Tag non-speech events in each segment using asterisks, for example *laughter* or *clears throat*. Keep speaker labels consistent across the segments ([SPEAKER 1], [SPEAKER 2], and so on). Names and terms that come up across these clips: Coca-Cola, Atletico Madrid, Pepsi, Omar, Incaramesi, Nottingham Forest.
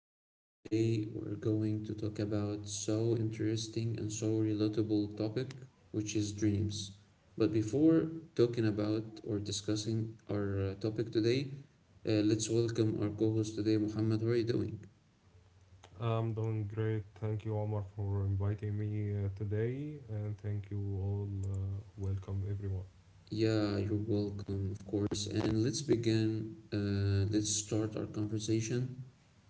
[SPEAKER 1] podcast. Today, we're going to talk about so interesting and so relatable topic, which is dreams. But before talking about or discussing our topic today, let's welcome our co-host today, Mohammed. How are you doing?
[SPEAKER 2] I'm doing great. Thank you, Omar, for inviting me today, and thank you all. Welcome, everyone.
[SPEAKER 1] Yeah, you're welcome, of course. And let's begin. Let's start our conversation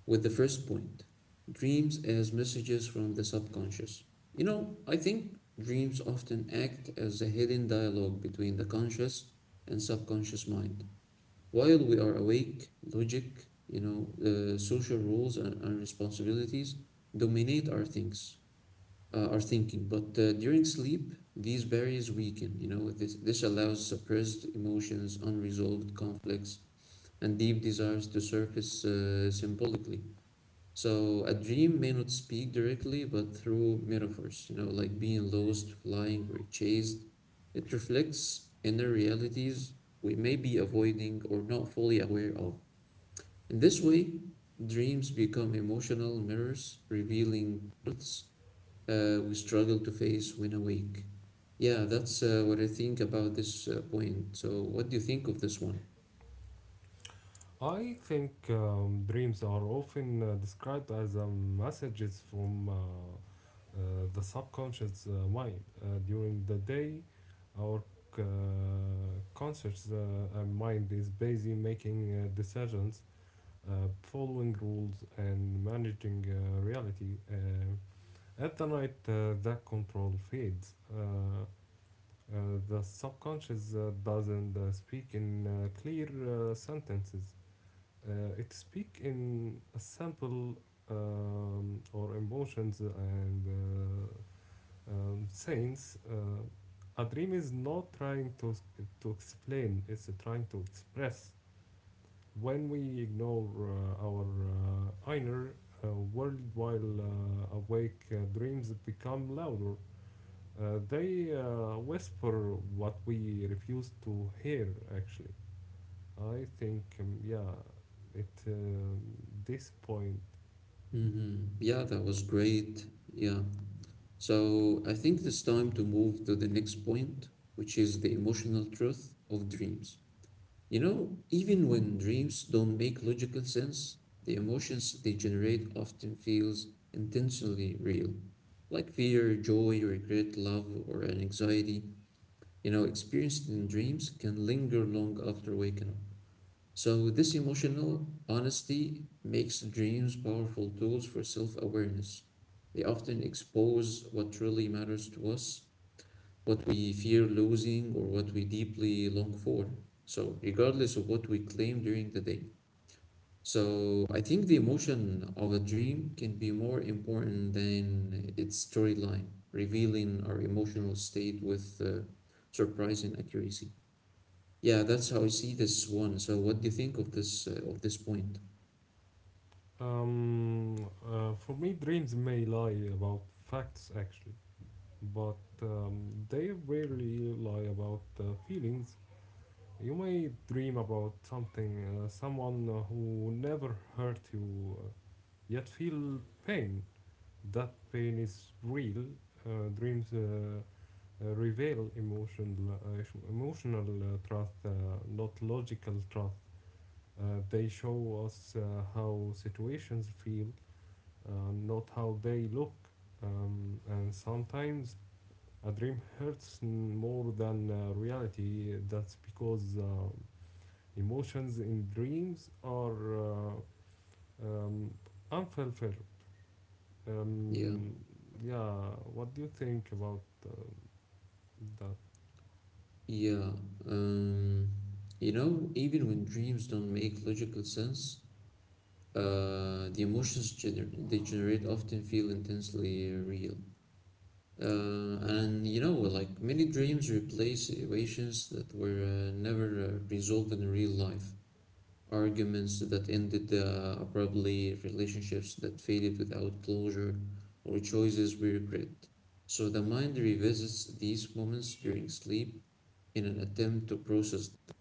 [SPEAKER 1] with the first point dreams as messages from the subconscious. You know, I think dreams often act as a hidden dialogue between the conscious and subconscious mind. While we are awake, logic, social rules and responsibilities dominate our thinking. But during sleep, these barriers weaken. You know, this allows suppressed emotions, unresolved conflicts, and deep desires to surface symbolically. So a dream may not speak directly, but through metaphors, like being lost, flying, or chased, it reflects inner realities we may be avoiding or not fully aware of. In this way, dreams become emotional mirrors, revealing truths we struggle to face when awake. Yeah, that's what I think about this point. So, what do you think of this one?
[SPEAKER 2] I think dreams are often described as messages from uh, the subconscious mind. During the day, our c- uh, conscious mind is busy making decisions, following rules, and managing reality. At the night, that control fades. The subconscious doesn't speak in clear sentences. It speaks in a simple or emotions and uh, sayings. A dream is not trying to explain; it's trying to express. When we ignore our inner world while awake, dreams become louder. They whisper what we refuse to hear, actually. I think, yeah, at this point.
[SPEAKER 1] Mm-hmm. Yeah, that was great. Yeah. So I think it's time to move to the next point, which is the emotional truth of dreams. You know, even when dreams don't make logical sense, the emotions they generate often feels intentionally real, like fear, joy, regret, love, or an anxiety. You know, experienced in dreams can linger long after waking up. So, this emotional honesty makes dreams powerful tools for self awareness. They often expose what truly matters to us, what we fear losing, or what we deeply long for. So, regardless of what we claim during the day. So, I think the emotion of a dream can be more important than its storyline, revealing our emotional state with surprising accuracy. Yeah, that's how I see this one. So, what do you think of this point?
[SPEAKER 2] For me, dreams may lie about facts, actually, but they rarely lie about feelings. You may dream about something, someone who never hurt you, yet feel pain. That pain is real. Dreams reveal emotional truth, not logical truth. They show us how situations feel, not how they look. And sometimes a dream hurts more than reality. That's because emotions in dreams are um, unfulfilled.
[SPEAKER 1] Yeah,
[SPEAKER 2] Um, yeah, what do you think about that?
[SPEAKER 1] yeah. Um, you know, even when dreams don't make logical sense, the emotions gener they generate often feel intensely real. And you know, well, like many dreams replace situations that were never resolved in real life. Arguments that ended abruptly, relationships that faded without closure, or choices we regret. So the mind revisits these moments during sleep in an attempt to process them.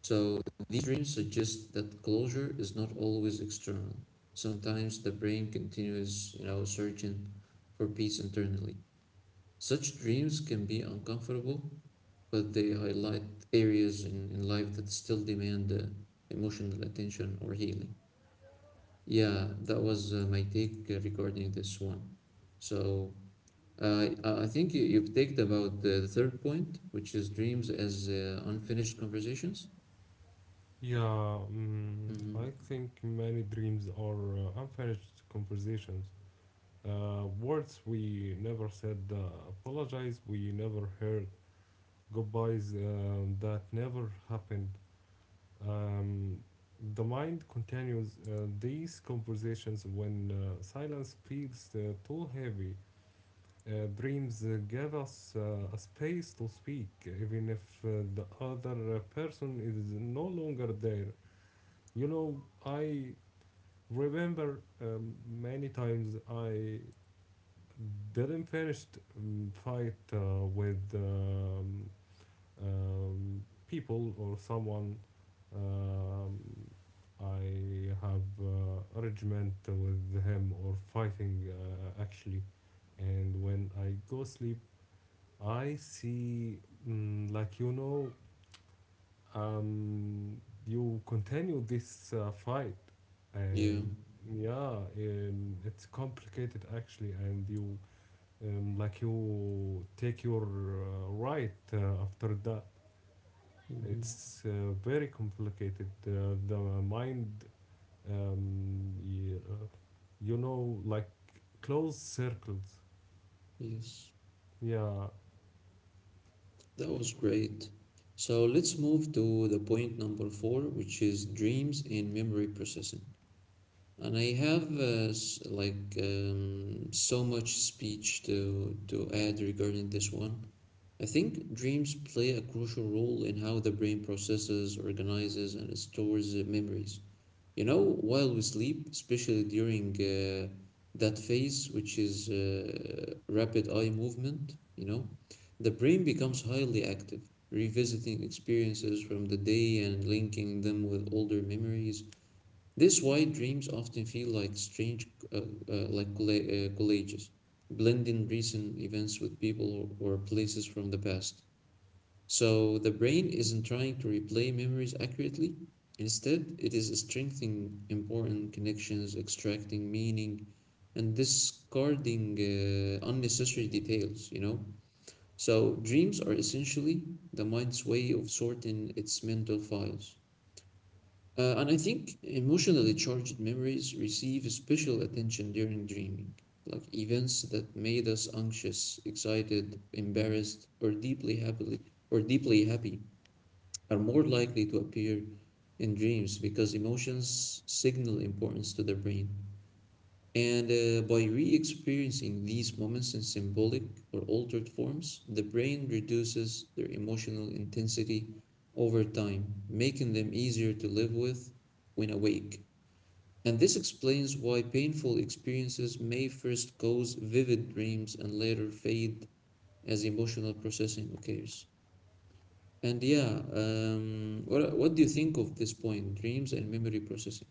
[SPEAKER 1] So these dreams suggest that closure is not always external. Sometimes the brain continues, searching for peace internally. Such dreams can be uncomfortable, but they highlight areas in life that still demand emotional attention or healing. Yeah, that was my take regarding this one. So I think you've talked about the third point, which is dreams as unfinished conversations.
[SPEAKER 2] Yeah, I
[SPEAKER 1] Mm-hmm.
[SPEAKER 2] think many dreams are unfinished conversations. Words we never said, apologize we never heard, goodbyes that never happened. Um, the mind continues these conversations when silence feels too heavy. Dreams give us a space to speak, even if the other person is no longer there. I remember, many times I didn't finish, fight with, um, people or someone. Um, I have arrangement with him or fighting actually, and when I go sleep, I see, like, um, you continue this fight.
[SPEAKER 1] Yeah.
[SPEAKER 2] And, yeah, it's complicated actually, and you, like, you take your right after that.
[SPEAKER 1] Mm-hmm.
[SPEAKER 2] It's very complicated, the mind, um, y- uh, like closed circles.
[SPEAKER 1] Yes.
[SPEAKER 2] Yeah,
[SPEAKER 1] That was great. So let's move to the point number four, which is dreams in memory processing. And I have so much speech to add regarding this one. I think dreams play a crucial role in how the brain processes, organizes, and stores memories. You know, while we sleep, especially during that phase, which is rapid eye movement, the brain becomes highly active, revisiting experiences from the day and linking them with older memories. This why dreams often feel like strange, like collages, blending recent events with people or places from the past. So the brain isn't trying to replay memories accurately. Instead, it is strengthening important connections, extracting meaning, and discarding unnecessary details, you know? So dreams are essentially the mind's way of sorting its mental files. And I think emotionally charged memories receive special attention during dreaming, like events that made us anxious, excited, embarrassed, or deeply happily or deeply happy are more likely to appear in dreams because emotions signal importance to the brain. And by re experiencing these moments in symbolic or altered forms, the brain reduces their emotional intensity over time, making them easier to live with when awake. And this explains why painful experiences may first cause vivid dreams and later fade as emotional processing occurs. And yeah, what do you think of this point, dreams and memory processing?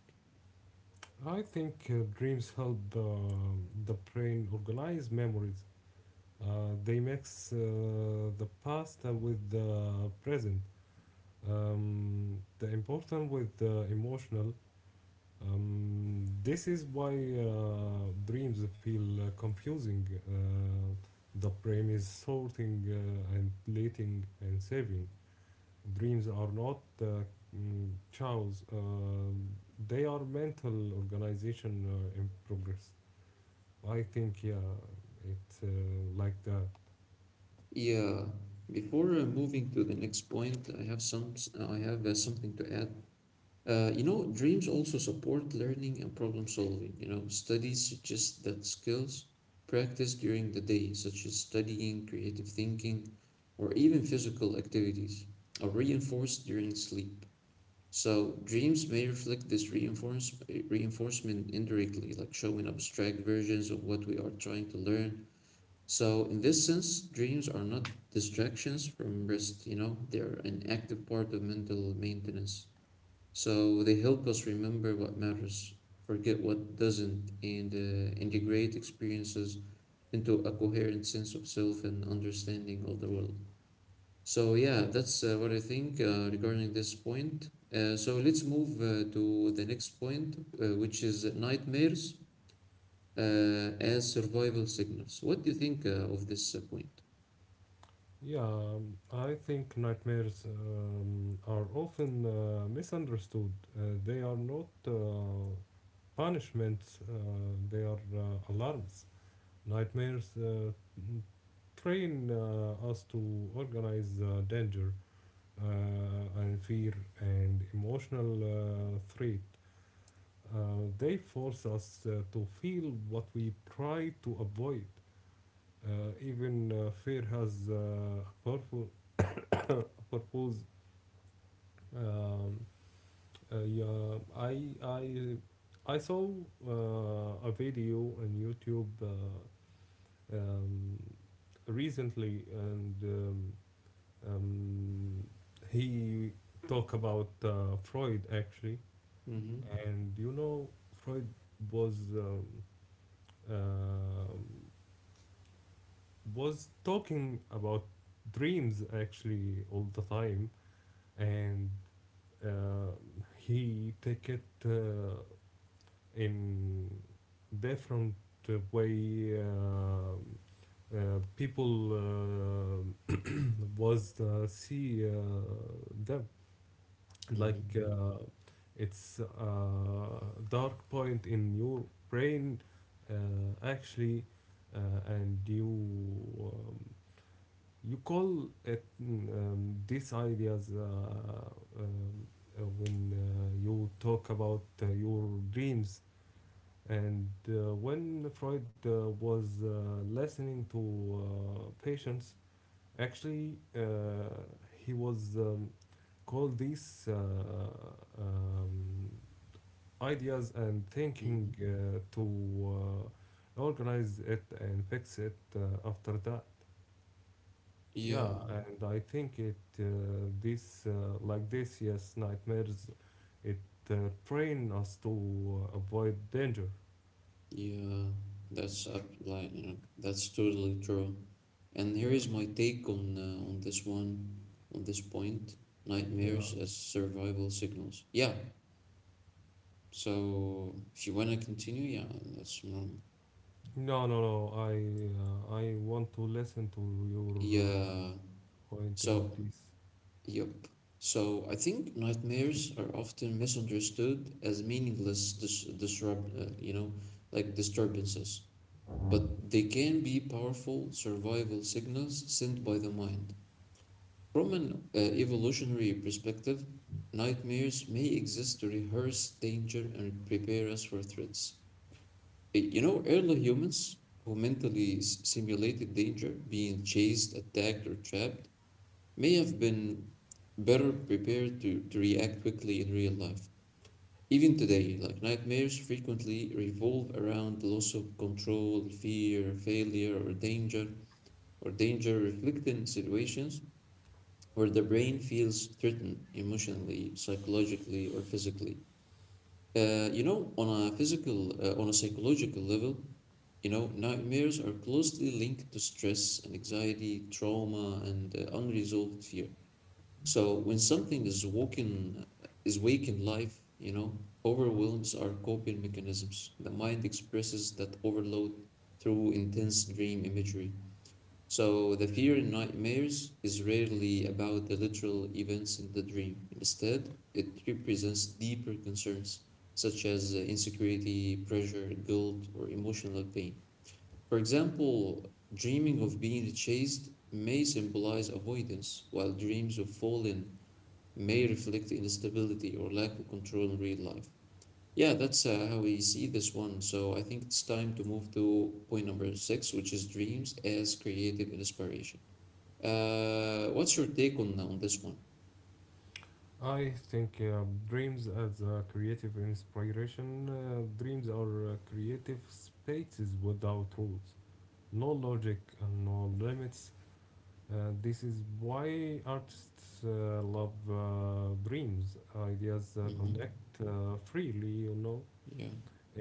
[SPEAKER 2] I think dreams help the brain organize memories. They mix the past with the present, the important with the emotional. This is why dreams feel confusing. The brain is sorting and plating and saving. Dreams are not chaos, they are mental organization in progress. I think, yeah, it's like the.
[SPEAKER 1] Yeah, before moving to the next point, I have something to add. Dreams also support learning and problem solving. Studies suggest that skills practiced during the day, such as studying, creative thinking, or even physical activities, are reinforced during sleep. So dreams may reflect this reinforcement indirectly, like showing abstract versions of what we are trying to learn. So in this sense, dreams are not distractions from rest, they're an active part of mental maintenance. So they help us remember what matters, forget what doesn't, and integrate experiences into a coherent sense of self and understanding of the world. So yeah, that's what I think regarding this point. So let's move to the next point, which is nightmares as survival signals. What do you think of this point?
[SPEAKER 2] Yeah, I think nightmares are often misunderstood. They are not punishments, they are alarms. Nightmares train us to organize danger and fear and emotional threat. They force us to feel what we try to avoid. Even fear has a a purpose. Um, yeah, I saw a video on YouTube um, recently, and um, he talked about Freud actually.
[SPEAKER 1] Mm-hmm.
[SPEAKER 2] And Freud was um, uh, was talking about dreams actually all the time. And uh, he take it. In different way people was see them
[SPEAKER 1] Mm-hmm.
[SPEAKER 2] like, it's a dark point in your brain, uh, actually. uh, and you, um, you call it, these ideas, um, when you talk about your dreams. And when Freud was listening to patients, actually he was, called these um, ideas and
[SPEAKER 1] Mm-hmm.
[SPEAKER 2] thinking to organize it and fix it after that.
[SPEAKER 1] Yeah,
[SPEAKER 2] Yeah, and I think it this, like this, yes, nightmares, it uh, train us to avoid danger.
[SPEAKER 1] yeah, that's up, like that's totally true. And here
[SPEAKER 2] Yeah,
[SPEAKER 1] is my take on this one, on this point,
[SPEAKER 2] yeah.
[SPEAKER 1] nightmares as survival signals. Yeah. So if you wanna continue, yeah, that's normal.
[SPEAKER 2] No, no, no. I want to listen to your
[SPEAKER 1] Yeah.
[SPEAKER 2] point in
[SPEAKER 1] So,
[SPEAKER 2] this.
[SPEAKER 1] yep. So I think nightmares are often misunderstood as meaningless dis disrupt, you know, like disturbances, but they can be powerful survival signals sent by the mind. From an evolutionary perspective, nightmares may exist to rehearse danger and prepare us for threats. You know, early humans who mentally simulated danger, being chased, attacked, or trapped, may have been better prepared to react quickly in real life. Even today, like nightmares frequently revolve around the loss of control, fear, failure, or danger reflecting situations where the brain feels threatened emotionally, psychologically, or physically. On a psychological level, nightmares are closely linked to stress and anxiety, trauma, and unresolved fear. So when something is wake in life, overwhelms are coping mechanisms. The mind expresses that overload through intense dream imagery. So the fear in nightmares is rarely about the literal events in the dream. Instead, it represents deeper concerns such as insecurity, pressure, guilt, or emotional pain. For example, dreaming of being chased may symbolize avoidance, while dreams of falling may reflect instability or lack of control in real life. Yeah, that's how we see this one. So I think it's time to move to point number six, which is dreams as creative inspiration. What's your take on this one?
[SPEAKER 2] I think dreams as a creative inspiration. Dreams are creative spaces without rules, no logic and no limits. This is why artists love dreams. Ideas
[SPEAKER 1] Mm-hmm.
[SPEAKER 2] connect freely.
[SPEAKER 1] Yeah,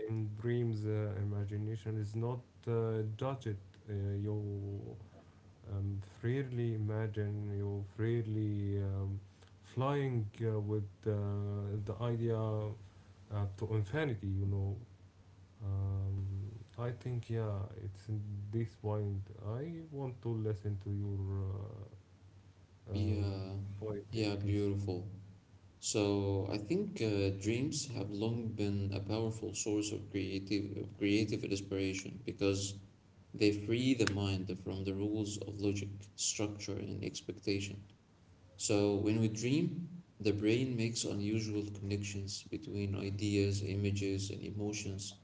[SPEAKER 2] In dreams, imagination is not judged. You freely imagine, you freely flying with the idea to infinity. Um, I think, yeah, it's in this point. I want to listen to your uh, um,
[SPEAKER 1] yeah,
[SPEAKER 2] point in
[SPEAKER 1] yeah,
[SPEAKER 2] this.
[SPEAKER 1] beautiful. So I think dreams have long been a powerful source of creative inspiration because they free the mind from the rules of logic, structure, and expectation. So when we dream, the brain makes unusual connections between ideas, images, and emotions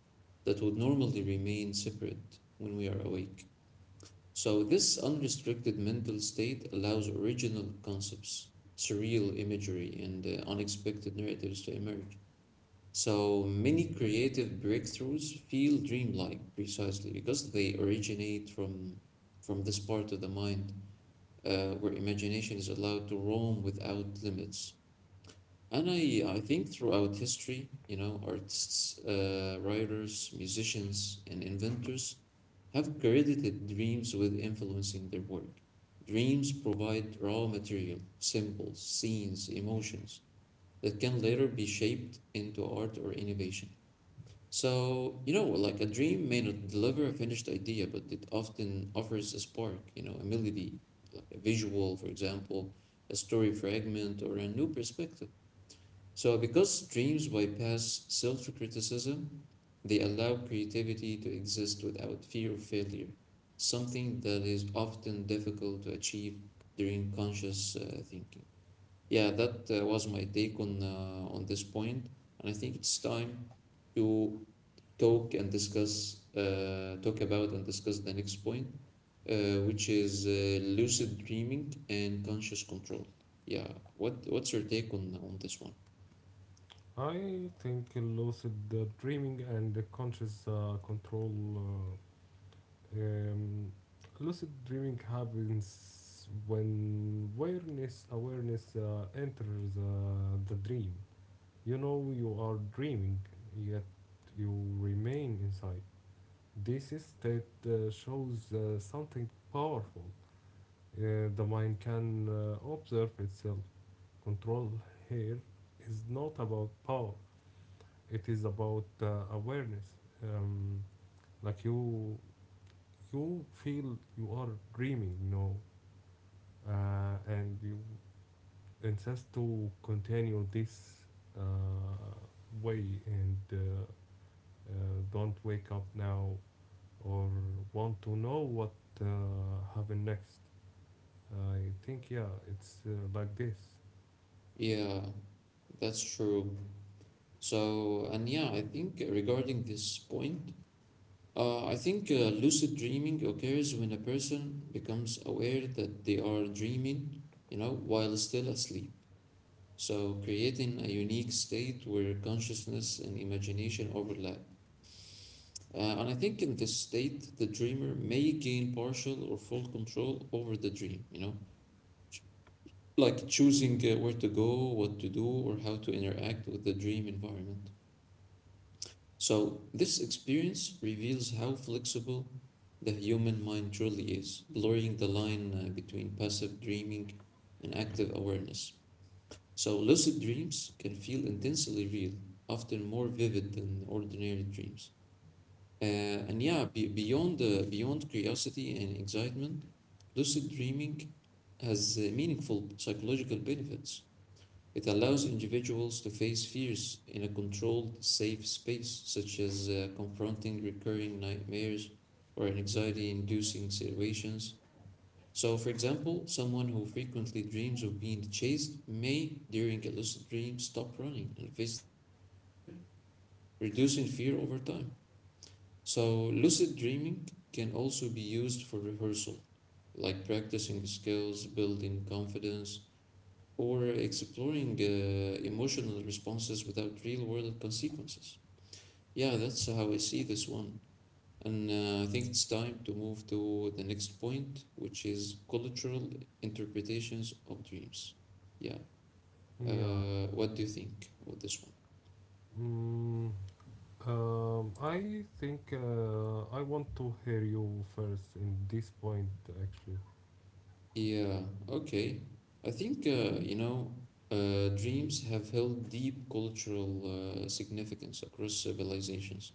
[SPEAKER 1] that would normally remain separate when we are awake. So this unrestricted mental state allows original concepts, surreal imagery, and unexpected narratives to emerge. So many creative breakthroughs feel dreamlike precisely because they originate from this part of the mind where imagination is allowed to roam without limits. And I think throughout history, artists, writers, musicians, and inventors have credited dreams with influencing their work. Dreams provide raw material, symbols, scenes, emotions that can later be shaped into art or innovation. So, like a dream may not deliver a finished idea, but it often offers a spark, a melody, like a visual, for example, a story fragment, or a new perspective. So, because dreams bypass self criticism, they allow creativity to exist without fear of failure, something that is often difficult to achieve during conscious thinking. Yeah, that was my take on this point, and I think it's time to talk about and discuss the next point, which is lucid dreaming and conscious control. Yeah, what's your take on this one?
[SPEAKER 2] I think lucid dreaming and conscious control. uh, Um, Lucid dreaming happens when awareness enters the dream. You know you are dreaming, yet you remain inside. This state shows something powerful. The mind can observe itself. Control here is not about power; it is about awareness. Um, like you feel you are dreaming. No, and you insist to continue this uh, way and uh, don't wake up now or want to know what uh, happened next. I think, yeah, it's like this.
[SPEAKER 1] Yeah, that's true. So, and yeah, I think regarding this point, I think lucid dreaming occurs when a person becomes aware that they are dreaming, while still asleep. So, creating a unique state where consciousness and imagination overlap. And I think in this state, the dreamer may gain partial or full control over the dream, like choosing
[SPEAKER 2] Yeah.
[SPEAKER 1] where to go, what to do, or how to interact with the dream environment. So, this experience reveals how flexible the human mind truly is, blurring the line between passive dreaming and active awareness. So, lucid dreams can feel intensely real, often more vivid than ordinary dreams. Uh, and yeah, be beyond curiosity and excitement, lucid dreaming has meaningful psychological benefits. It allows individuals to face fears in a controlled, safe space, such as confronting recurring nightmares or anxiety inducing situations. So, for example, someone who frequently dreams of being chased may, during a lucid dream, stop running and face the threat, reducing fear over time. So, lucid dreaming can also be used for rehearsal, like practicing skills, building confidence, or exploring emotional responses without real world consequences. Yeah, that's how I see this one. And I think it's time to move to the next point, which is cultural interpretations of dreams. Yeah.
[SPEAKER 2] Yeah.
[SPEAKER 1] What do you think of this one?
[SPEAKER 2] Mm, I think, I want to hear you first in this point actually.
[SPEAKER 1] Yeah, okay. I think, you know, Dreams have held deep cultural significance across civilizations,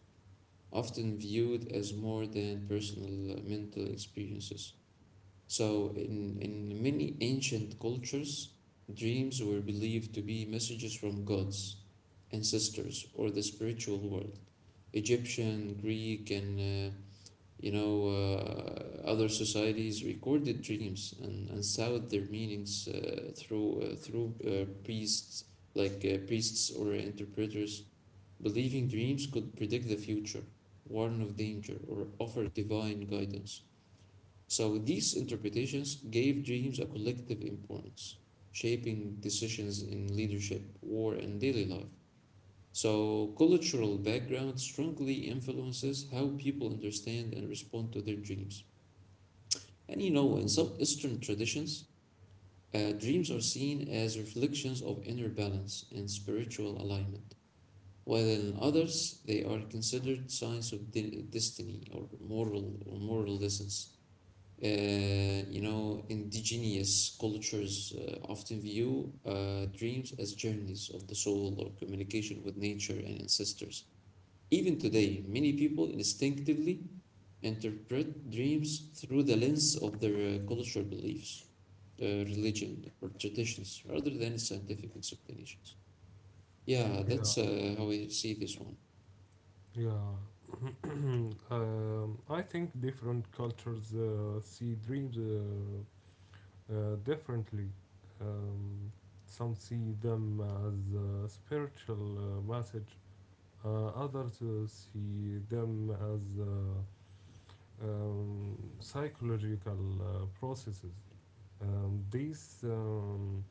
[SPEAKER 1] often viewed as more than personal mental experiences. So, in many ancient cultures, dreams were believed to be messages from gods, ancestors, or the spiritual world. Egyptian, Greek, and other societies recorded dreams and sought their meanings through priests, like priests or interpreters, believing dreams could predict the future, warn of danger, or offer divine guidance. So these interpretations gave dreams a collective importance, shaping decisions in leadership, war, and daily life. So cultural background strongly influences how people understand and respond to their dreams. And you know, in some Eastern traditions, dreams are seen as reflections of inner balance and spiritual alignment, while in others they are considered signs of destiny or moral lessons. Indigenous cultures often view dreams as journeys of the soul or communication with nature and ancestors. Even today, many people instinctively interpret dreams through the lens of their cultural beliefs, religion, or traditions rather than scientific explanations. Yeah,
[SPEAKER 2] Yeah.
[SPEAKER 1] that's how I see this one.
[SPEAKER 2] Yeah. *clears throat* I think different cultures see dreams differently. Um, some see them as a spiritual message, others see them as psychological processes. These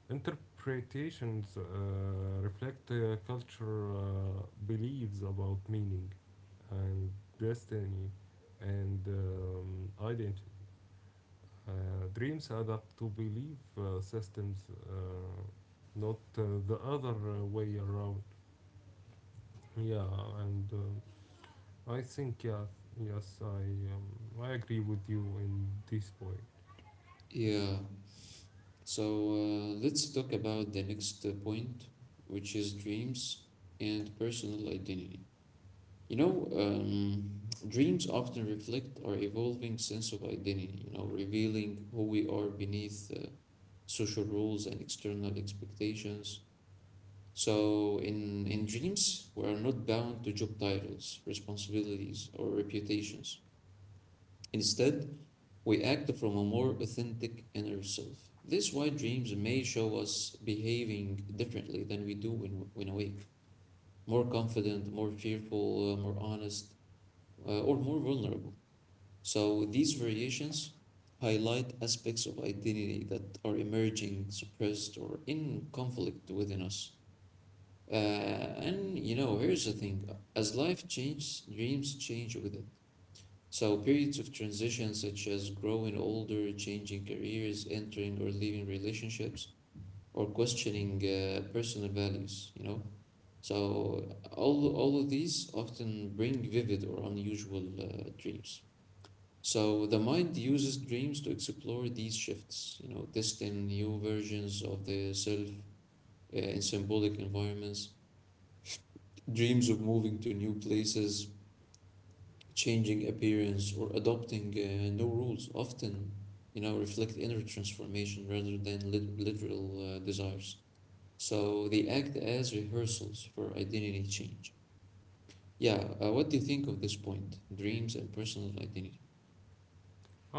[SPEAKER 2] interpretations reflect culture beliefs about meaning and destiny and identity. Uh, Dreams add up to belief systems, not the other way around. Yeah, and, I think, yeah, yes, um, I agree with you in this point.
[SPEAKER 1] Yeah. So let's talk about the next point, which is dreams and personal identity. You know, um, Dreams often reflect our evolving sense of identity, you know, revealing who we are beneath social rules and external expectations. So in dreams, we are not bound to job titles, responsibilities, or reputations. Instead, we act from a more authentic inner self. This why dreams may show us behaving differently than we do when awake. More confident, more fearful, more honest, or more vulnerable. So these variations highlight aspects of identity that are emerging, suppressed, or in conflict within us. And you know, here's the thing: as life changes, dreams change with it. So, periods of transition, such as growing older, changing careers, entering or leaving relationships, or questioning personal values, you know. So, all of these often bring vivid or unusual dreams. So, the mind uses dreams to explore these shifts, you know, testing new versions of the self in symbolic environments, dreams of moving to new places, changing appearance or adopting no rules often, you know, reflect inner transformation rather than literal desires. So they act as rehearsals for identity change. Yeah, what do you think of this point? Dreams and personal identity.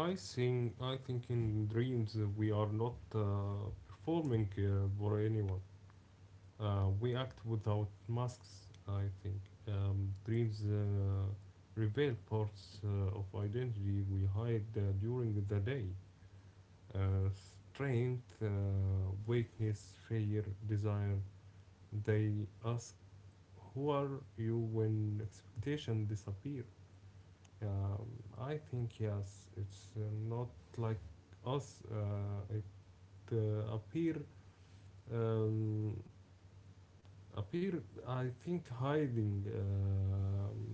[SPEAKER 2] I think in dreams we are not performing for anyone. We act without masks, I think. Dreams reveal parts of identity we hide during the day. Strength, weakness, fear, desire. They ask, "Who are you when expectations disappear?" Um, I think, yes, it's not like us. It appear, um, appear I think, hiding um,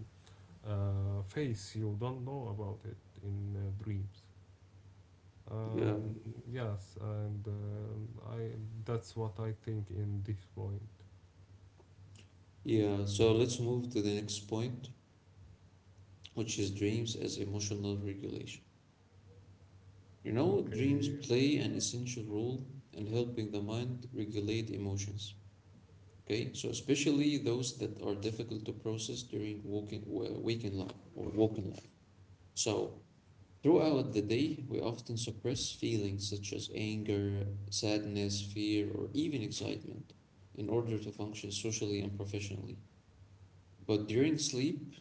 [SPEAKER 2] uh, face you don't know about it in dreams.
[SPEAKER 1] Yeah.
[SPEAKER 2] um, yes, and, I that's what I think in this point.
[SPEAKER 1] Yeah, so let's move to the next point, which is dreams as emotional regulation. You know, dreams
[SPEAKER 2] Okay.
[SPEAKER 1] play an essential role in helping the mind regulate emotions. Okay, so especially those that are difficult to process during waking life or waking life. So throughout the day, we often suppress feelings such as anger, sadness, fear, or even excitement in order to function socially and professionally. But during sleep,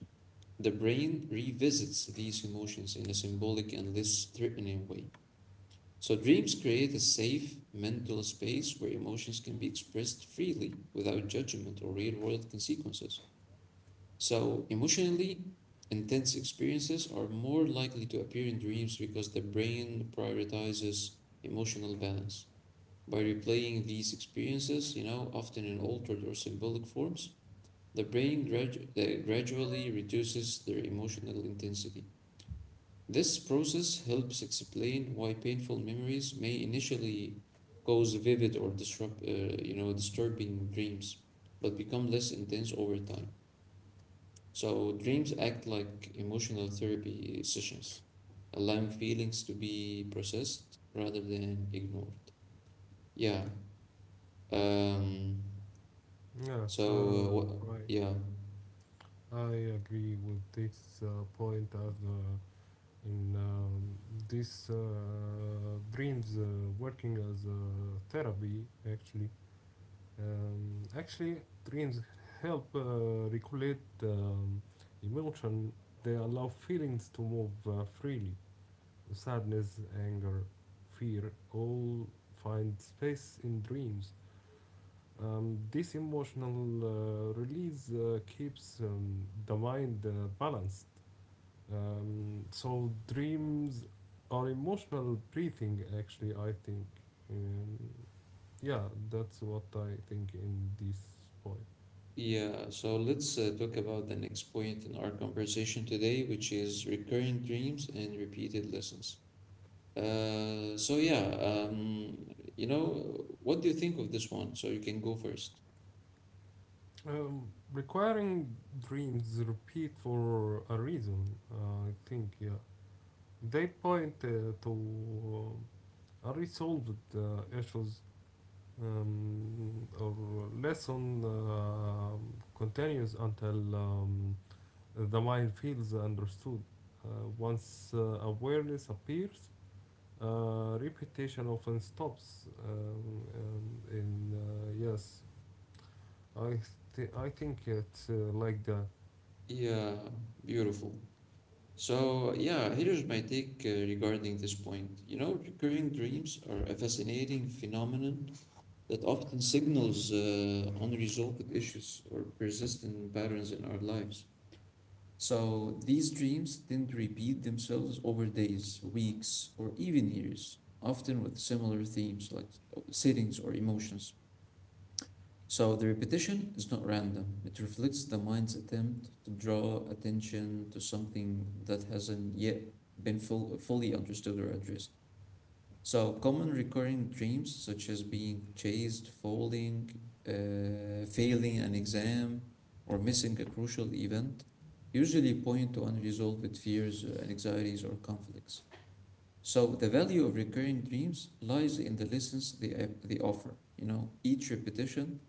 [SPEAKER 1] the brain revisits these emotions in a symbolic and less threatening way. So dreams create a safe mental space where emotions can be expressed freely without judgment or real-world consequences. So, emotionally intense experiences are more likely to appear in dreams because the brain prioritizes emotional balance. By replaying these experiences, you know, often in altered or symbolic forms, the brain gradually reduces their emotional intensity. This process helps explain why painful memories may initially cause vivid or disturbing dreams, but become less intense over time. So dreams act like emotional therapy sessions, allowing feelings to be processed rather than ignored. Yeah. Um, so
[SPEAKER 2] Yes.
[SPEAKER 1] what?
[SPEAKER 2] Right,
[SPEAKER 1] Yeah.
[SPEAKER 2] I agree with this point as, in, this, dreams working as a therapy actually. Actually, dreams help regulate emotion. They allow feelings to move freely. Sadness, anger, fear all find space in dreams. This emotional release keeps the mind balanced. So, dreams are emotional breathing, actually, I think. Um, yeah, that's what I think in this point.
[SPEAKER 1] Yeah. So let's talk about the next point in our conversation today, which is recurring dreams and repeated lessons. Uh, so yeah. Um, you know, what do you think of this one? So you can go first.
[SPEAKER 2] Um, Requiring dreams repeat for a reason, I think, yeah. They point to unresolved issues, or lesson continues until the mind feels understood. Once awareness appears, repetition often stops. In Yes, I I think it's like that.
[SPEAKER 1] Yeah. Beautiful. So, yeah, here's my take regarding this point. You know, recurring dreams are a fascinating phenomenon that often signals unresolved issues or persistent patterns in our lives. So, these dreams tend to repeat themselves over days, weeks, or even years, often with similar themes like settings or emotions. So the repetition is not random. It reflects the mind's attempt to draw attention to something that hasn't yet been fully understood or addressed. So common recurring dreams, such as being chased, falling, failing an exam, or missing a crucial event, usually point to unresolved fears, anxieties, or conflicts. So the value of recurring dreams lies in the lessons they offer. You know, each repetition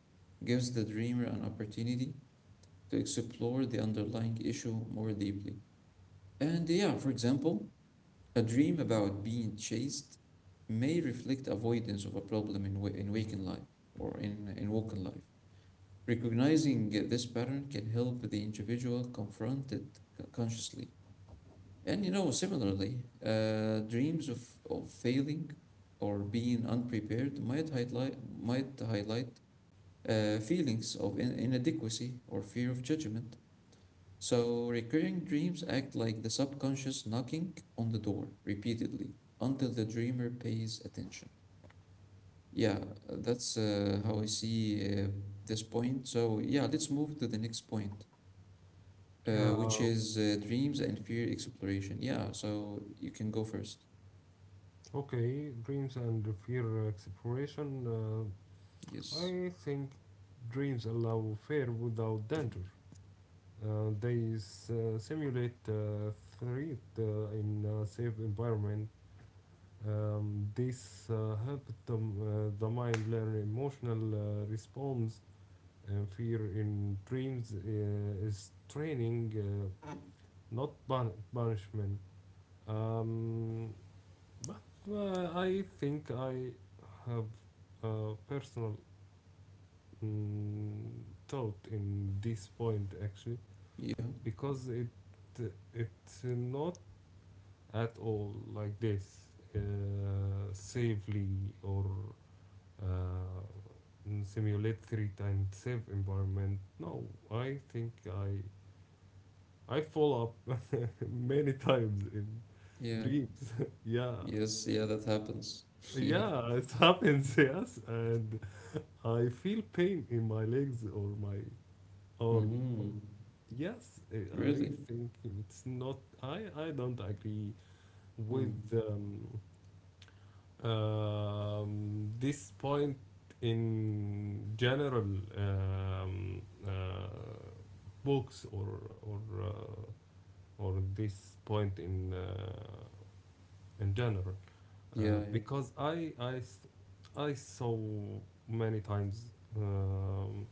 [SPEAKER 1] gives the dreamer an opportunity to explore the underlying issue more deeply. And yeah, for example, a dream about being chased may reflect avoidance of a problem in waking life or in woken life. Recognizing this pattern can help the individual confront it consciously, and you know, similarly, dreams of failing or being unprepared might highlight feelings of inadequacy or fear of judgment. So recurring dreams act like the subconscious knocking on the door repeatedly until the dreamer pays attention. Yeah, that's how I see this point. So yeah, let's move to the next point, uh, which
[SPEAKER 2] Uh,
[SPEAKER 1] is uh, dreams and fear exploration. Yeah, so you can go first.
[SPEAKER 2] Okay, dreams and fear exploration.
[SPEAKER 1] Yes.
[SPEAKER 2] I think dreams allow fear without danger. They simulate threat in a safe environment. This helps them, the mind learn emotional response. And fear in dreams is training, not punishment. Um, But, I think I have a personal, mm, thought in this point actually,
[SPEAKER 1] Yeah.
[SPEAKER 2] because it's not at all like this, uh, safely or, uh, simulate 3 times safe environment. No, I think I fall up *laughs* many times in
[SPEAKER 1] Yeah.
[SPEAKER 2] dreams. *laughs* yeah,
[SPEAKER 1] Yes. Yeah. That happens. *laughs* Yeah.
[SPEAKER 2] Yeah, *laughs* it happens, yes, and I feel pain in my legs or my or,
[SPEAKER 1] Mm-hmm.
[SPEAKER 2] yes, I
[SPEAKER 1] Really.
[SPEAKER 2] think it's not. I don't agree with
[SPEAKER 1] Mm.
[SPEAKER 2] this point in general, um, uh, books or this point in general.
[SPEAKER 1] Yeah. Yeah.
[SPEAKER 2] Because I saw many times um,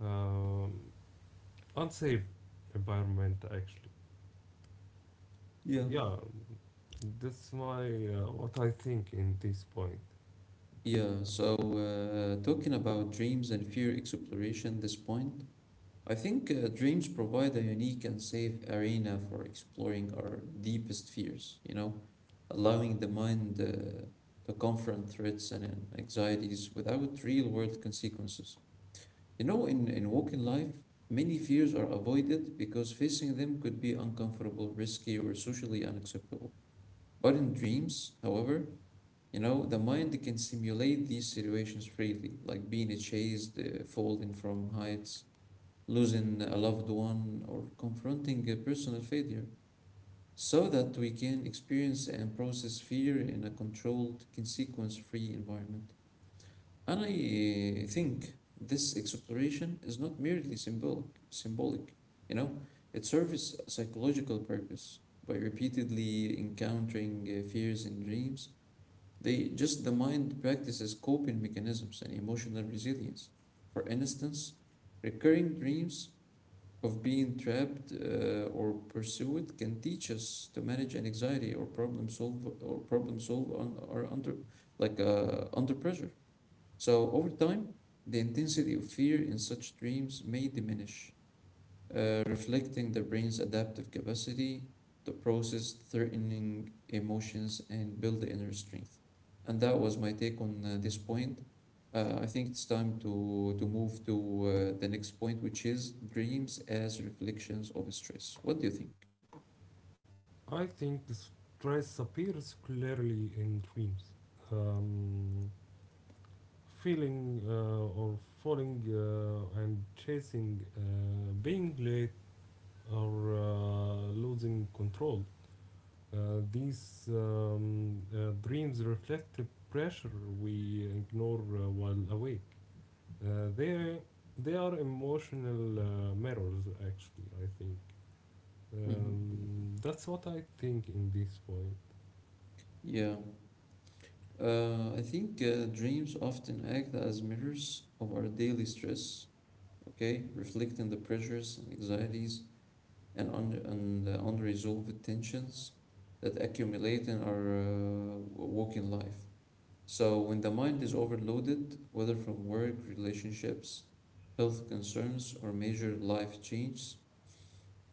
[SPEAKER 2] um, unsafe environment actually.
[SPEAKER 1] Yeah.
[SPEAKER 2] Yeah, that's my, what I think in this point.
[SPEAKER 1] Yeah. So, talking about dreams and fear exploration, this point, I think dreams provide a unique and safe arena for exploring our deepest fears, you know, allowing the mind to confront threats and anxieties without real world consequences. You know, in walking life, many fears are avoided because facing them could be uncomfortable, risky, or socially unacceptable. But in dreams, however, you know, the mind can simulate these situations freely, like being chased, falling from heights, losing a loved one, or confronting a personal failure, so that we can experience and process fear in a controlled, consequence free environment. And I think this exploration is not merely symbolic, you know, it serves a psychological purpose. By repeatedly encountering fears in dreams, they just the mind practices coping mechanisms and emotional resilience. For instance, recurring dreams of being trapped or pursued can teach us to manage anxiety or problem solve on or under like under pressure. So, over time, the intensity of fear in such dreams may diminish, reflecting the brain's adaptive capacity to process threatening emotions and build the inner strength. And that was my take on this point. I think it's time to move to the next point, which is dreams as reflections of stress. What do you think?
[SPEAKER 2] I think stress appears clearly in dreams. Um, Feeling or falling and chasing, being late or losing control. These dreams reflect the pressure we ignore while awake. Uh, they they are emotional mirrors, actually. I think,
[SPEAKER 1] Hmm.
[SPEAKER 2] that's what I think in this point.
[SPEAKER 1] Yeah. I think dreams often act as mirrors of our daily stress, okay, reflecting the pressures and anxieties and the unresolved tensions that accumulate in our working life. So, when the mind is overloaded, whether from work, relationships, health concerns, or major life changes,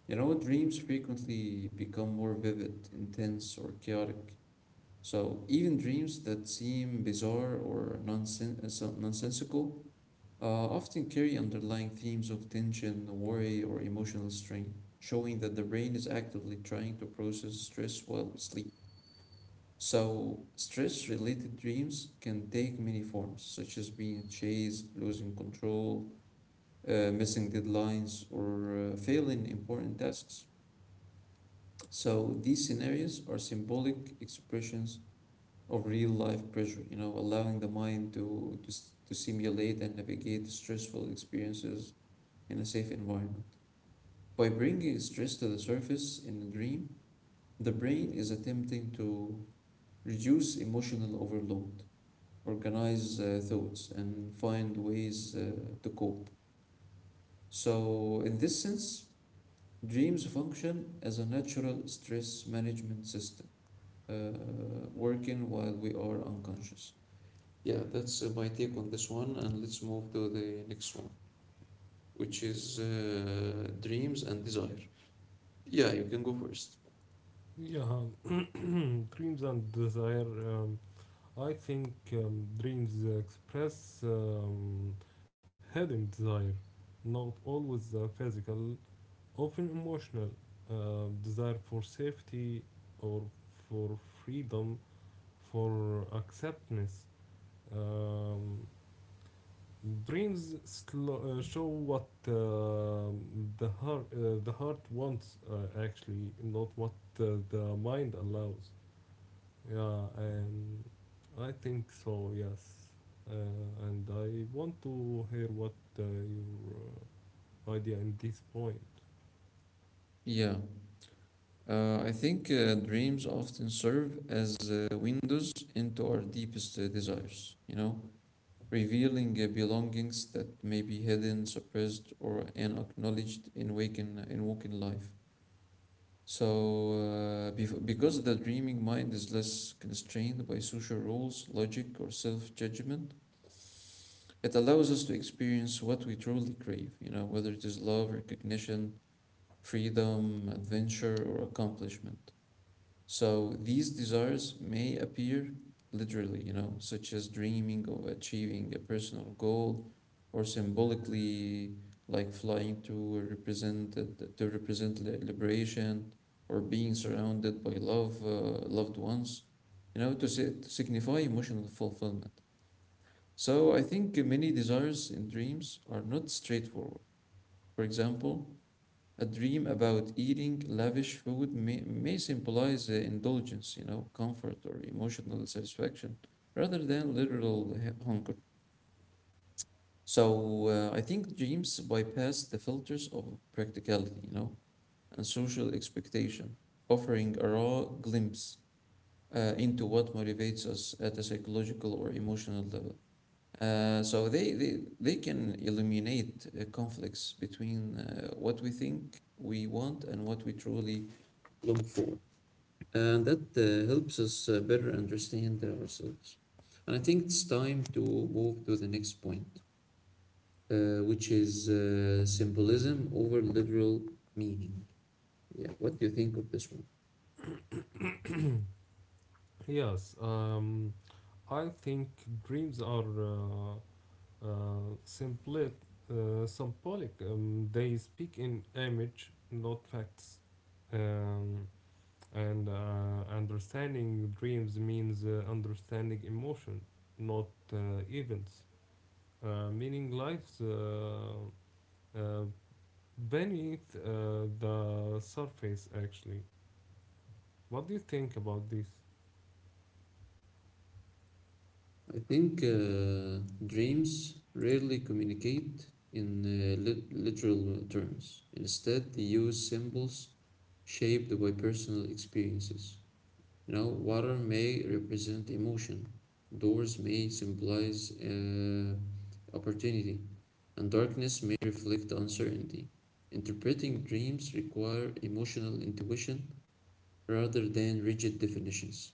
[SPEAKER 1] you know, dreams frequently become more vivid, intense, or chaotic. So, even dreams that seem bizarre or nonsensical often carry underlying themes of tension, worry, or emotional strain, showing that the brain is actively trying to process stress while we sleep. So, stress related dreams can take many forms, such as being chased, losing control, missing deadlines, or failing important tasks. So, these scenarios are symbolic expressions of real life pressure, you know, allowing the mind to simulate and navigate stressful experiences in a safe environment. By bringing stress to the surface in a dream, the brain is attempting to reduce emotional overload, organize thoughts, and find ways to cope. So, in this sense, dreams function as a natural stress management system, working while we are unconscious. Yeah, that's my take on this one, and let's move to the next one, which is dreams and desire. Yeah, you can go first.
[SPEAKER 2] Yeah, dreams and desire. I think, dreams express, hidden desire, not always physical, often emotional desire for safety or for freedom, for acceptance. Um, Dreams show what the heart wants actually, not what the mind allows. Yeah, and I think so. Yes, uh, and I want to hear what your idea in this point.
[SPEAKER 1] Yeah, I think dreams often serve as windows into our deepest desires, you know, revealing belongings that may be hidden, suppressed, or unacknowledged in waking life. So, because the dreaming mind is less constrained by social rules, logic, or self-judgment, it allows us to experience what we truly crave, you know, whether it is love, recognition, freedom, adventure, or accomplishment. So these desires may appear literally, you know, such as dreaming of achieving a personal goal or symbolically like flying to represent liberation or being surrounded by love loved ones, to signify emotional fulfillment. So I think many desires in dreams are not straightforward. For example, a dream about eating lavish food may symbolize indulgence, you know, comfort or emotional satisfaction rather than literal hunger. So I think dreams bypass the filters of practicality, you know, and social expectation, offering a raw glimpse into what motivates us at a psychological or emotional level. So they can eliminate conflicts between what we think we want and what we truly look for, and that helps us better understand ourselves. And I think it's time to move to the next point, which is symbolism over literal meaning. Yeah, what do you think of this one?
[SPEAKER 2] Yes. I think dreams are simply symbolic. They speak in image, not facts. Um, and understanding dreams means understanding emotion, not events. Meaning lives, uh, beneath the surface, actually. What do you think about this?
[SPEAKER 1] I think dreams rarely communicate in literal terms. Instead, they use symbols shaped by personal experiences. You know, water may represent emotion, doors may symbolize opportunity, and darkness may reflect uncertainty. Interpreting dreams require emotional intuition rather than rigid definitions.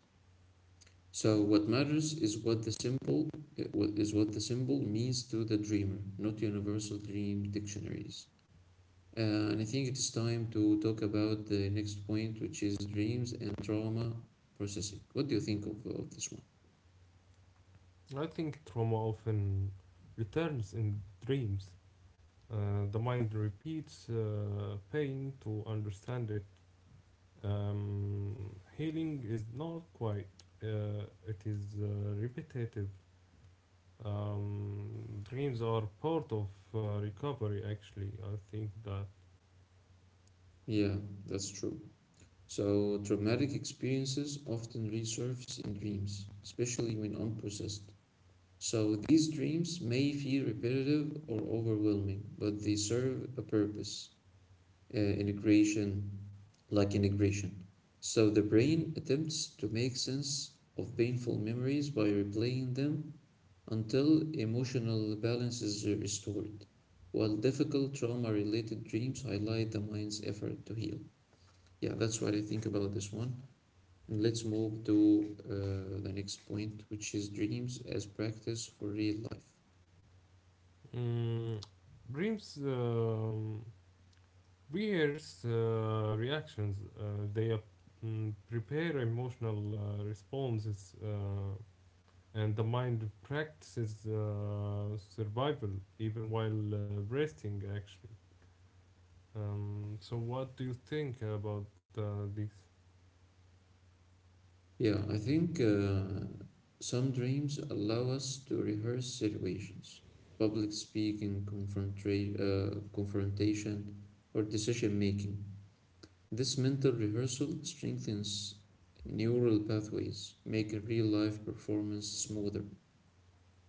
[SPEAKER 1] So what matters is what the symbol means to the dreamer, not universal dream dictionaries. And I think it is time to talk about the next point, which is dreams and trauma processing. What do you think of this one?
[SPEAKER 2] I think trauma often returns in dreams. The mind repeats pain to understand it. Healing is not quite, it is repetitive. Dreams are part of recovery, actually. I think that,
[SPEAKER 1] Yeah, that's true. So traumatic experiences often resurface in dreams, especially when unprocessed. So these dreams may feel repetitive or overwhelming, but they serve a purpose. uh, integration, like integration. So the brain attempts to make sense of painful memories by replaying them until emotional balance is restored, while difficult trauma related dreams highlight the mind's effort to heal. Yeah, that's what I think about this one. And let's move to the next point, which is dreams as practice for real life.
[SPEAKER 2] mm, dreams rehearse reactions, they prepare emotional responses. And the mind practices survival even while resting actually. So what do you think about this?
[SPEAKER 1] Yeah, I think some dreams allow us to rehearse situations, public speaking, confrontation, or decision making. This mental rehearsal strengthens neural pathways, making real life performance smoother.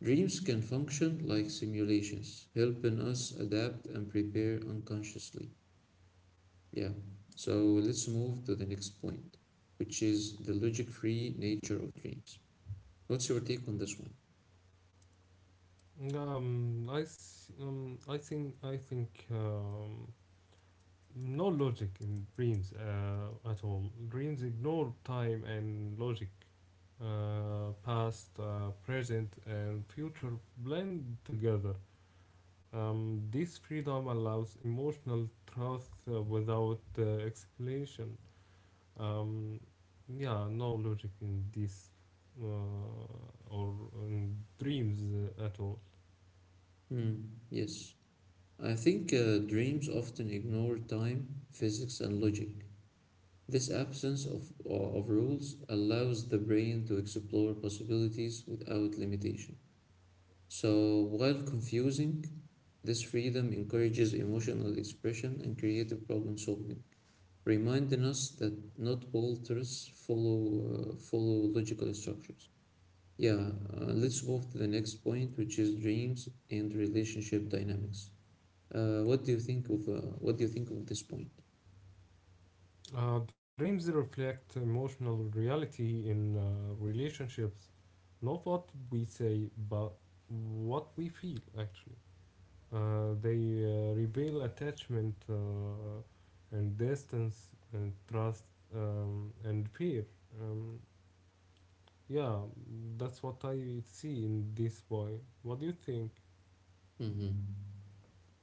[SPEAKER 1] Dreams can function like simulations, helping us adapt and prepare unconsciously. Yeah, so let's move to the next point, which is the logic free nature of dreams. What's your take on this one?
[SPEAKER 2] I think no logic in dreams at all. Dreams ignore time and logic, past present and future blend together. This freedom allows emotional trust without explanation. Um, yeah, no logic in this, uh, or in dreams at all.
[SPEAKER 1] Hmm, yes. I think dreams often ignore time, physics, and logic. This absence of rules allows the brain to explore possibilities without limitation. So, while confusing, this freedom encourages emotional expression and creative problem solving, reminding us that not all truths follow logical structures. Yeah, let's move to the next point, which is dreams and relationship dynamics. What do you think of this point?
[SPEAKER 2] Dreams reflect emotional reality in relationships, not what we say, but what we feel actually. They reveal attachment and distance and trust, and fear. Um, yeah, that's what I see in this boy. What do you think?
[SPEAKER 1] Hmm.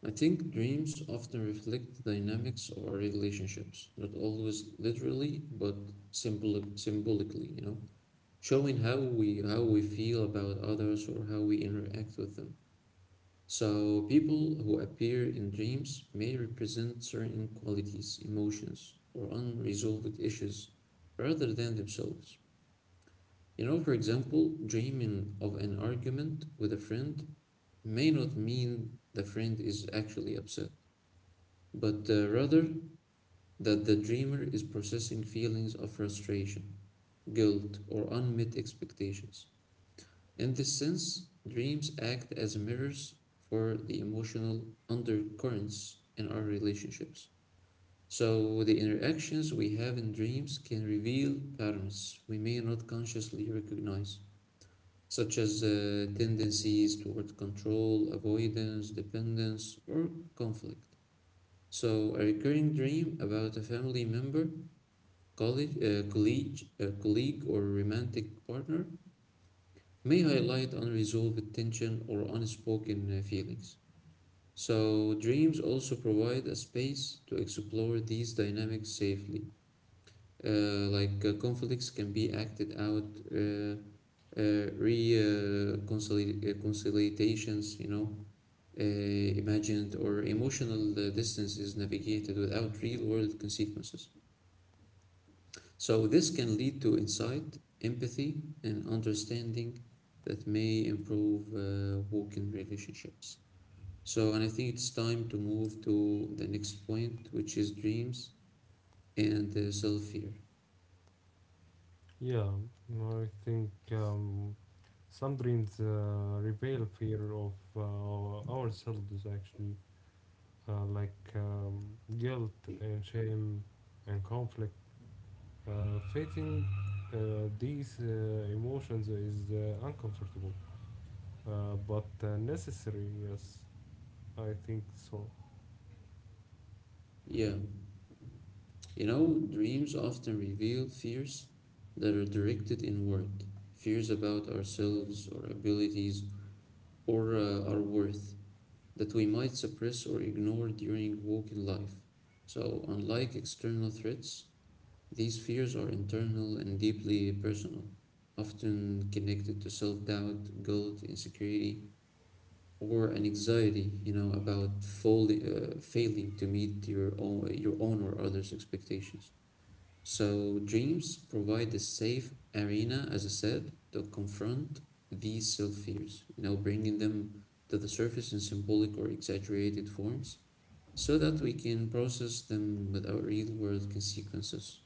[SPEAKER 1] I think dreams often reflect the dynamics of our relationships, not always literally, but symbolically, you know, showing how we feel about others or how we interact with them. So, people who appear in dreams may represent certain qualities, emotions, or unresolved issues rather than themselves. You know, for example, dreaming of an argument with a friend may not mean the friend is actually upset, but rather that the dreamer is processing feelings of frustration, guilt, or unmet expectations. In this sense, dreams act as mirrors for the emotional undercurrents in our relationships. So, the interactions we have in dreams can reveal patterns we may not consciously recognize, such as tendencies toward control, avoidance, dependence, or conflict. So, a recurring dream about a family member, colleague or romantic partner may highlight unresolved tension or unspoken feelings. So, dreams also provide a space to explore these dynamics safely. Like conflicts can be acted out, uh, reconciliations, you know, imagined or emotional distance is navigated without real world consequences. So this can lead to insight, empathy, and understanding that may improve working relationships. So, and I think it's time to move to the next point, which is dreams and self fear.
[SPEAKER 2] Yeah, I think, some dreams reveal fear of ourselves actually, like, guilt and shame and conflict. Facing these emotions is uncomfortable, but necessary, yes, I think so.
[SPEAKER 1] Yeah, you know, dreams often reveal fears that are directed inward, fears about ourselves, or abilities, or our worth that we might suppress or ignore during walking life. So, unlike external threats, these fears are internal and deeply personal, often connected to self doubt, guilt, insecurity, or an anxiety, you know, about failing to meet your own or others' expectations. So, dreams provide a safe arena, as I said, to confront these self fears, you know, bringing them to the surface in symbolic or exaggerated forms so that we can process them with our real world consequences.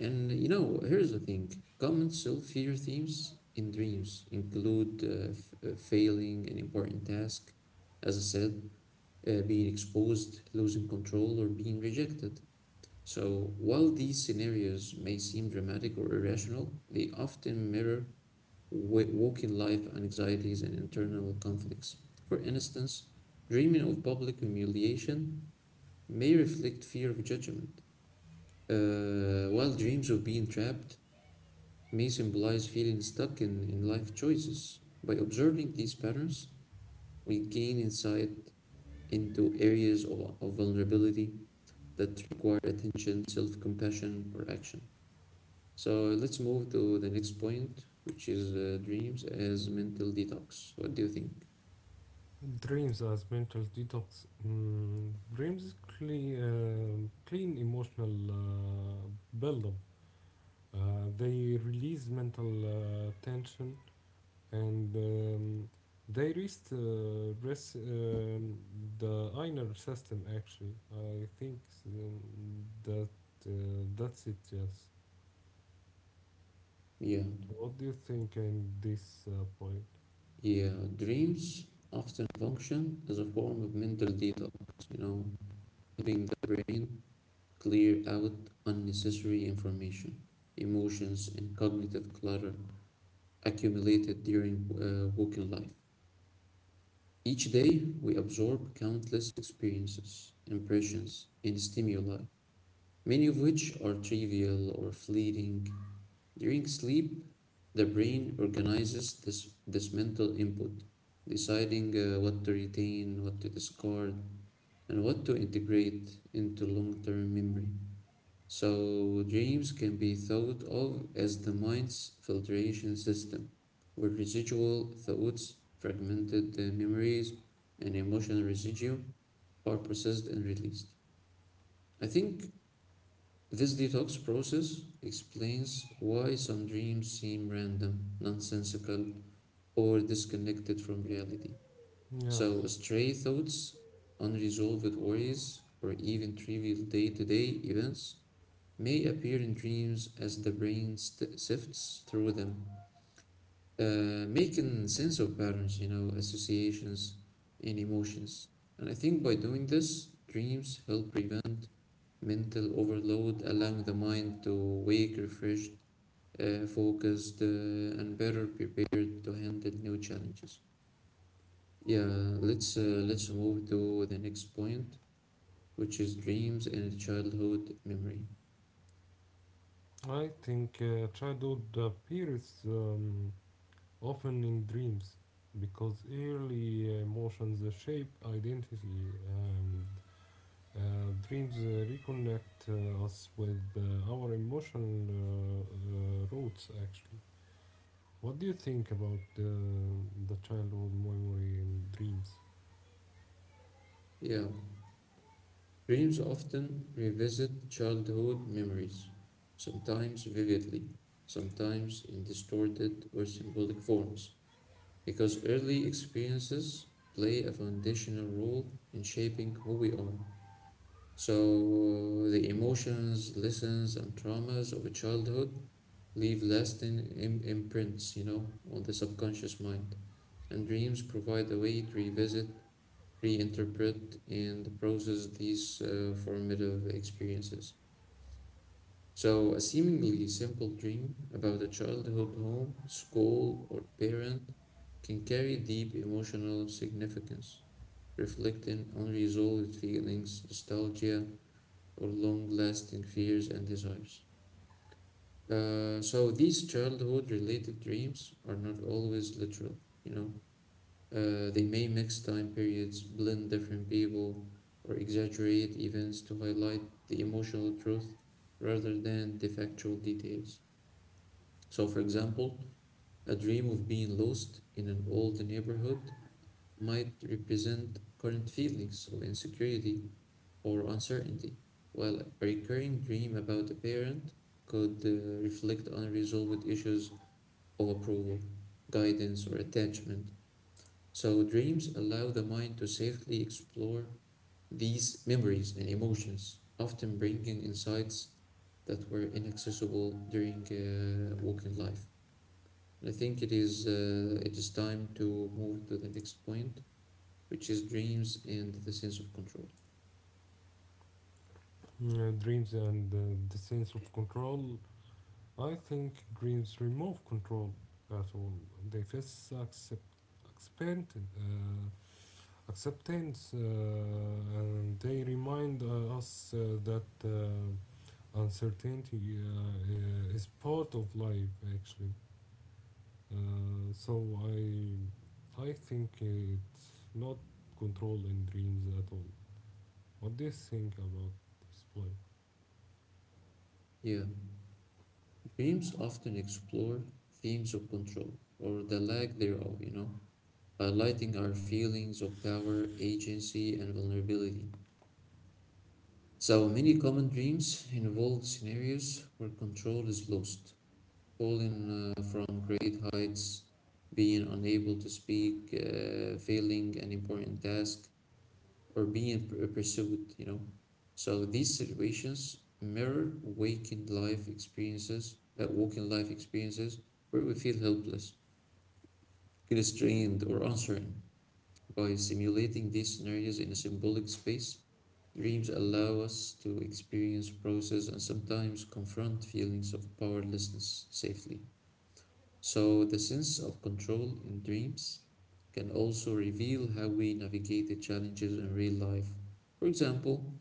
[SPEAKER 1] And you know, here's the thing, common self fear themes in dreams include failing an important task, as I said, being exposed, losing control, or being rejected. So, while these scenarios may seem dramatic or irrational, they often mirror waking life anxieties and internal conflicts. For instance, dreaming of public humiliation may reflect fear of judgment, while dreams of being trapped may symbolize feeling stuck in life choices. By observing these patterns, we gain insight into areas of vulnerability that require attention, self compassion, or action. So let's move to the next point, which is dreams as mental detox. What do you think?
[SPEAKER 2] Dreams as mental detox. Dreams clean emotional buildup. Uh, they release mental tension and, they rest the inner system. Actually, I think, um, that uh, that's it. Yes.
[SPEAKER 1] Yeah,
[SPEAKER 2] What do you think in this point?
[SPEAKER 1] yeah, dreams often function as a form of mental detox, you know, helping the brain clear out unnecessary information, emotions, and cognitive clutter accumulated during working life. Each day, we absorb countless experiences, impressions, and stimuli, many of which are trivial or fleeting. During sleep, the brain organizes this mental input, deciding what to retain, what to discard, and what to integrate into long term memory. So, dreams can be thought of as the mind's filtration system, where residual thoughts, fragmented memories, and emotional residue are processed and released. I think this detox process explains why some dreams seem random, nonsensical, or disconnected from reality. So,
[SPEAKER 2] Yes.
[SPEAKER 1] stray thoughts, unresolved worries, or even trivial day to day events may appear in dreams as the brain sifts through them, making sense of patterns, you know, associations, and emotions. And I think by doing this, dreams help prevent mental overload, allowing the mind to wake refreshed, focused, and better prepared to handle new challenges. Yeah, let's move to the next point, which is dreams and childhood memory.
[SPEAKER 2] I think childhood appears, often in dreams because early emotions shape identity, and dreams reconnect us with our emotional roots actually. What do you think about the childhood memory in dreams?
[SPEAKER 1] Yeah. Dreams often revisit childhood memories, sometimes vividly, sometimes in distorted or symbolic forms, because early experiences play a foundational role in shaping who we are. So, the emotions, lessons, and traumas of a childhood leave lasting imprints, you know, on the subconscious mind. And dreams provide a way to revisit, reinterpret, and process these formative experiences. So, a seemingly simple dream about a childhood home, school, or parent can carry deep emotional significance, reflecting unresolved feelings, nostalgia, or long lasting fears and desires. So, these childhood related dreams are not always literal, you know. They may mix time periods, blend different people, or exaggerate events to highlight the emotional truth rather than the factual details. So, for example, a dream of being lost in an old neighborhood might represent current feelings of insecurity or uncertainty, while a recurring dream about a parent could reflect unresolved issues of approval, guidance, or attachment. So, dreams allow the mind to safely explore these memories and emotions, often bringing insights that were inaccessible during working life. And I think it is time to move to the next point, which is dreams and the sense of control.
[SPEAKER 2] Dreams and the sense of control. I think Greens remove control at all. They face accept, acceptance, uh, acceptance, and they remind us that uncertainty is part of life, actually. So, I think it's not control in dreams at all. What do you think about this
[SPEAKER 1] Yeah, dreams often explore themes of control or the lack thereof, you know, highlighting our feelings of power, agency, and vulnerability. So many common dreams involve scenarios where control is lost, falling from great heights, being unable to speak, failing an important task, or being pursued, you know. So these situations mirror waking life experiences where we feel helpless, constrained, or uncertain. By simulating these scenarios in a symbolic space, dreams allow us to experience, process, and sometimes confront feelings of powerlessness safely. So, the sense of control in dreams can also reveal how we navigate the challenges in real life. For example,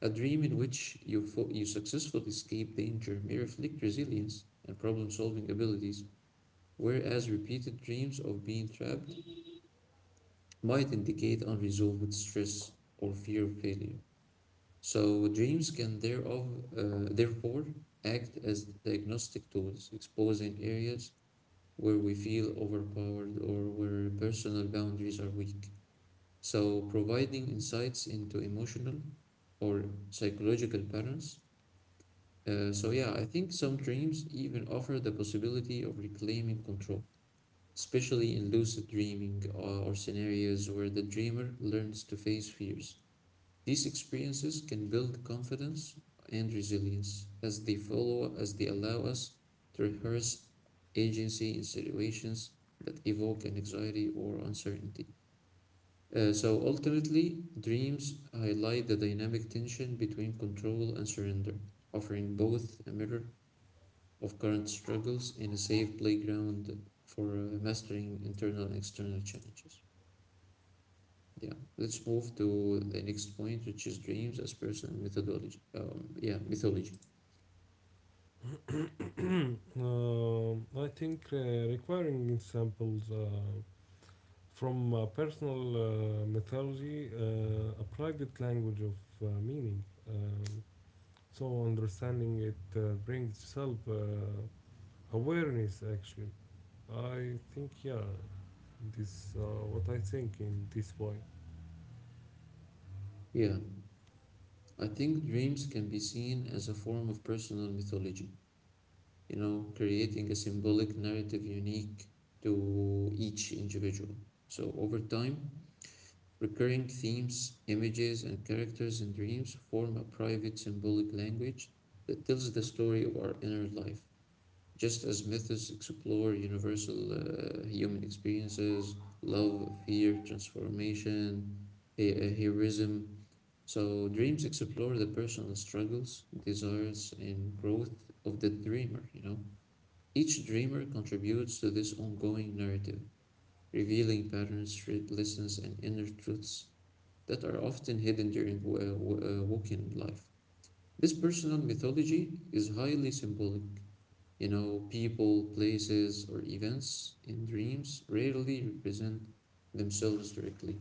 [SPEAKER 1] a dream in which you successfully escape danger may reflect resilience and problem solving abilities, whereas repeated dreams of being trapped might indicate unresolved stress or fear of failure. So dreams can therefore act as diagnostic tools, exposing areas where we feel overpowered or where personal boundaries are weak. So providing insights into emotional or psychological patterns. So yeah, I think some dreams even offer the possibility of reclaiming control, especially in lucid dreaming or scenarios where the dreamer learns to face fears. These experiences can build confidence and resilience as they follow as they allow us to rehearse agency in situations that evoke anxiety or uncertainty. So ultimately, dreams highlight the dynamic tension between control and surrender, offering both a mirror of current struggles and a safe playground for mastering internal and external challenges. Yeah, let's move to the next point, which is dreams as personal methodology. Yeah, mythology.
[SPEAKER 2] play? *coughs* I think, requiring samples. From personal mythology, a private language of meaning. Um, so understanding it brings self awareness actually. I think, yeah, this, what I think in this way.
[SPEAKER 1] Yeah, I think dreams can be seen as a form of personal mythology, you know, creating a symbolic narrative unique to each individual. So, over time, recurring themes, images, and characters in dreams form a private symbolic language that tells the story of our inner life. Just as myths explore universal human experiences, love, fear, transformation, heroism, so dreams explore the personal struggles, desires, and growth of the dreamer, you know. Each dreamer contributes to this ongoing narrative, revealing patterns, shared lessons, and inner truths that are often hidden during walking life. This personal mythology is highly symbolic, you know, people, places, or events in dreams rarely represent themselves directly.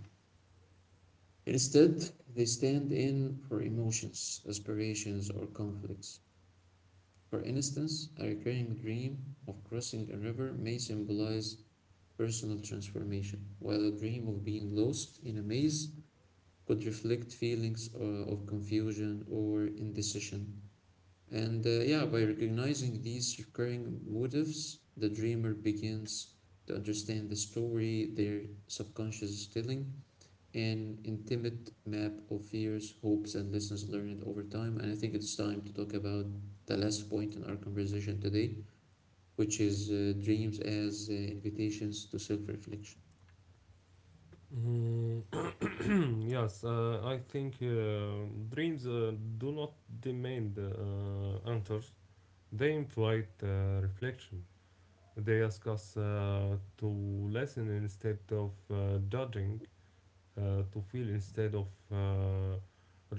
[SPEAKER 1] Instead, they stand in for emotions, aspirations, or conflicts. For instance, a recurring dream of crossing a river may symbolize personal transformation, while a dream of being lost in a maze could reflect feelings of confusion or indecision. And yeah, by recognizing these recurring motives, the dreamer begins to understand the story their subconscious is telling, an intimate map of fears, hopes, and lessons learned over time. And I think it's time to talk about the last point in our conversation today, which is dreams as invitations to self reflection.
[SPEAKER 2] Mm, *clears throat* yes, I think dreams do not demand answers. They invite reflection. They ask us to listen instead of judging. To feel instead of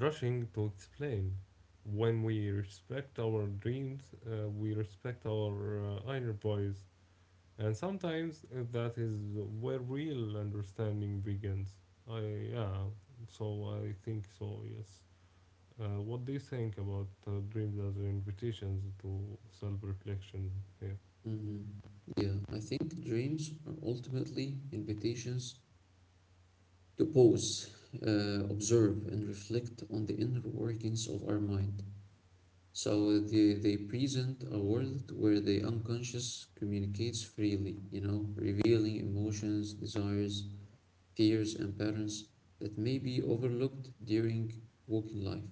[SPEAKER 2] rushing to explain. When we respect our dreams, we respect our inner voice, and sometimes that is where real understanding begins. I, yeah, so I think so. Yes. What do you think about dreams as invitations to self-reflection? Here?
[SPEAKER 1] Hmm. Yeah, I think dreams are ultimately invitations to pause, observe, and reflect on the inner workings of our mind. So they present a world where the unconscious communicates freely, you know, revealing emotions, desires, fears, and patterns that may be overlooked during waking life.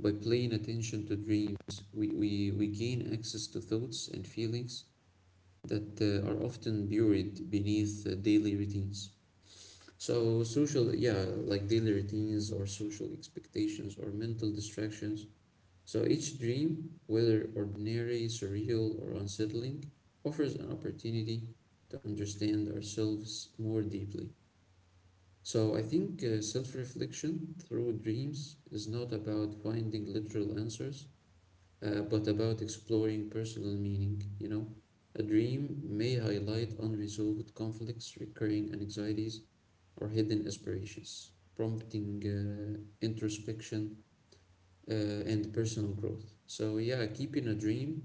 [SPEAKER 1] By paying attention to dreams, we gain access to thoughts and feelings that are often buried beneath daily routines. So social, yeah, like daily routines or social expectations or mental distractions. So each dream, whether ordinary, surreal, or unsettling, offers an opportunity to understand ourselves more deeply. So I think self-reflection through dreams is not about finding literal answers, but about exploring personal meaning, you know. A dream may highlight unresolved conflicts, recurring anxieties, or hidden aspirations, prompting introspection and personal growth. So, yeah, keeping a dream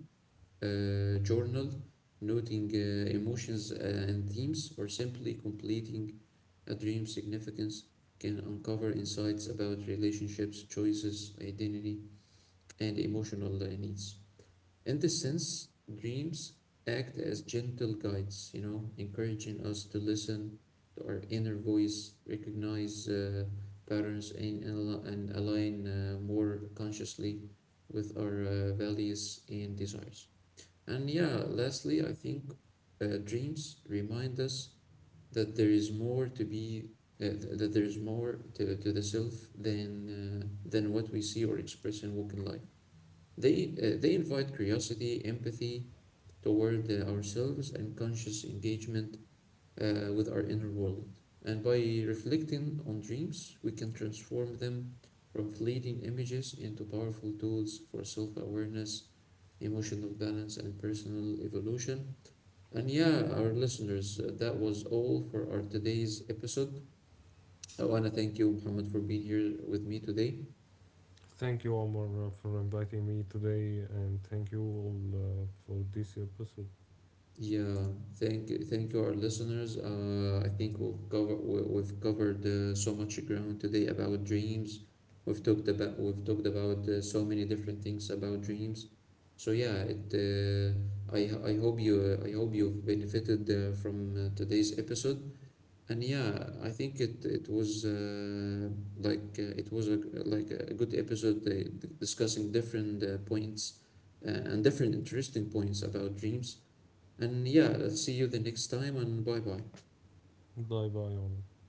[SPEAKER 1] journal, noting emotions and themes, or simply completing a dream significance can uncover insights about relationships, choices, identity, and emotional needs. In this sense, dreams act as gentle guides, you know, encouraging us to listen to our inner voice, recognize patterns, and align more consciously with our values and desires. And yeah, lastly, I think dreams remind us that there is more to be. That there is more to the self than what we see or express in walking life. They invite curiosity, empathy toward ourselves, and conscious engagement with our inner world. And by reflecting on dreams, we can transform them from fleeting images into powerful tools for self awareness, emotional balance, and personal evolution. And yeah, our listeners, that was all for our today's episode. I want to thank you, Muhammad, for being here with me today.
[SPEAKER 2] Thank you, Omar, for inviting me today, and thank you all for this episode.
[SPEAKER 1] Yeah, thank you, our listeners. I think we've covered so much ground today about dreams. We've talked about so many different things about dreams. So yeah, it. I hope you I hope you've benefited from today's episode. And yeah, I think it was like it was like a good episode discussing different points and different interesting points about dreams. And yeah, see you the next time and bye bye.
[SPEAKER 2] Bye, bye, Omar.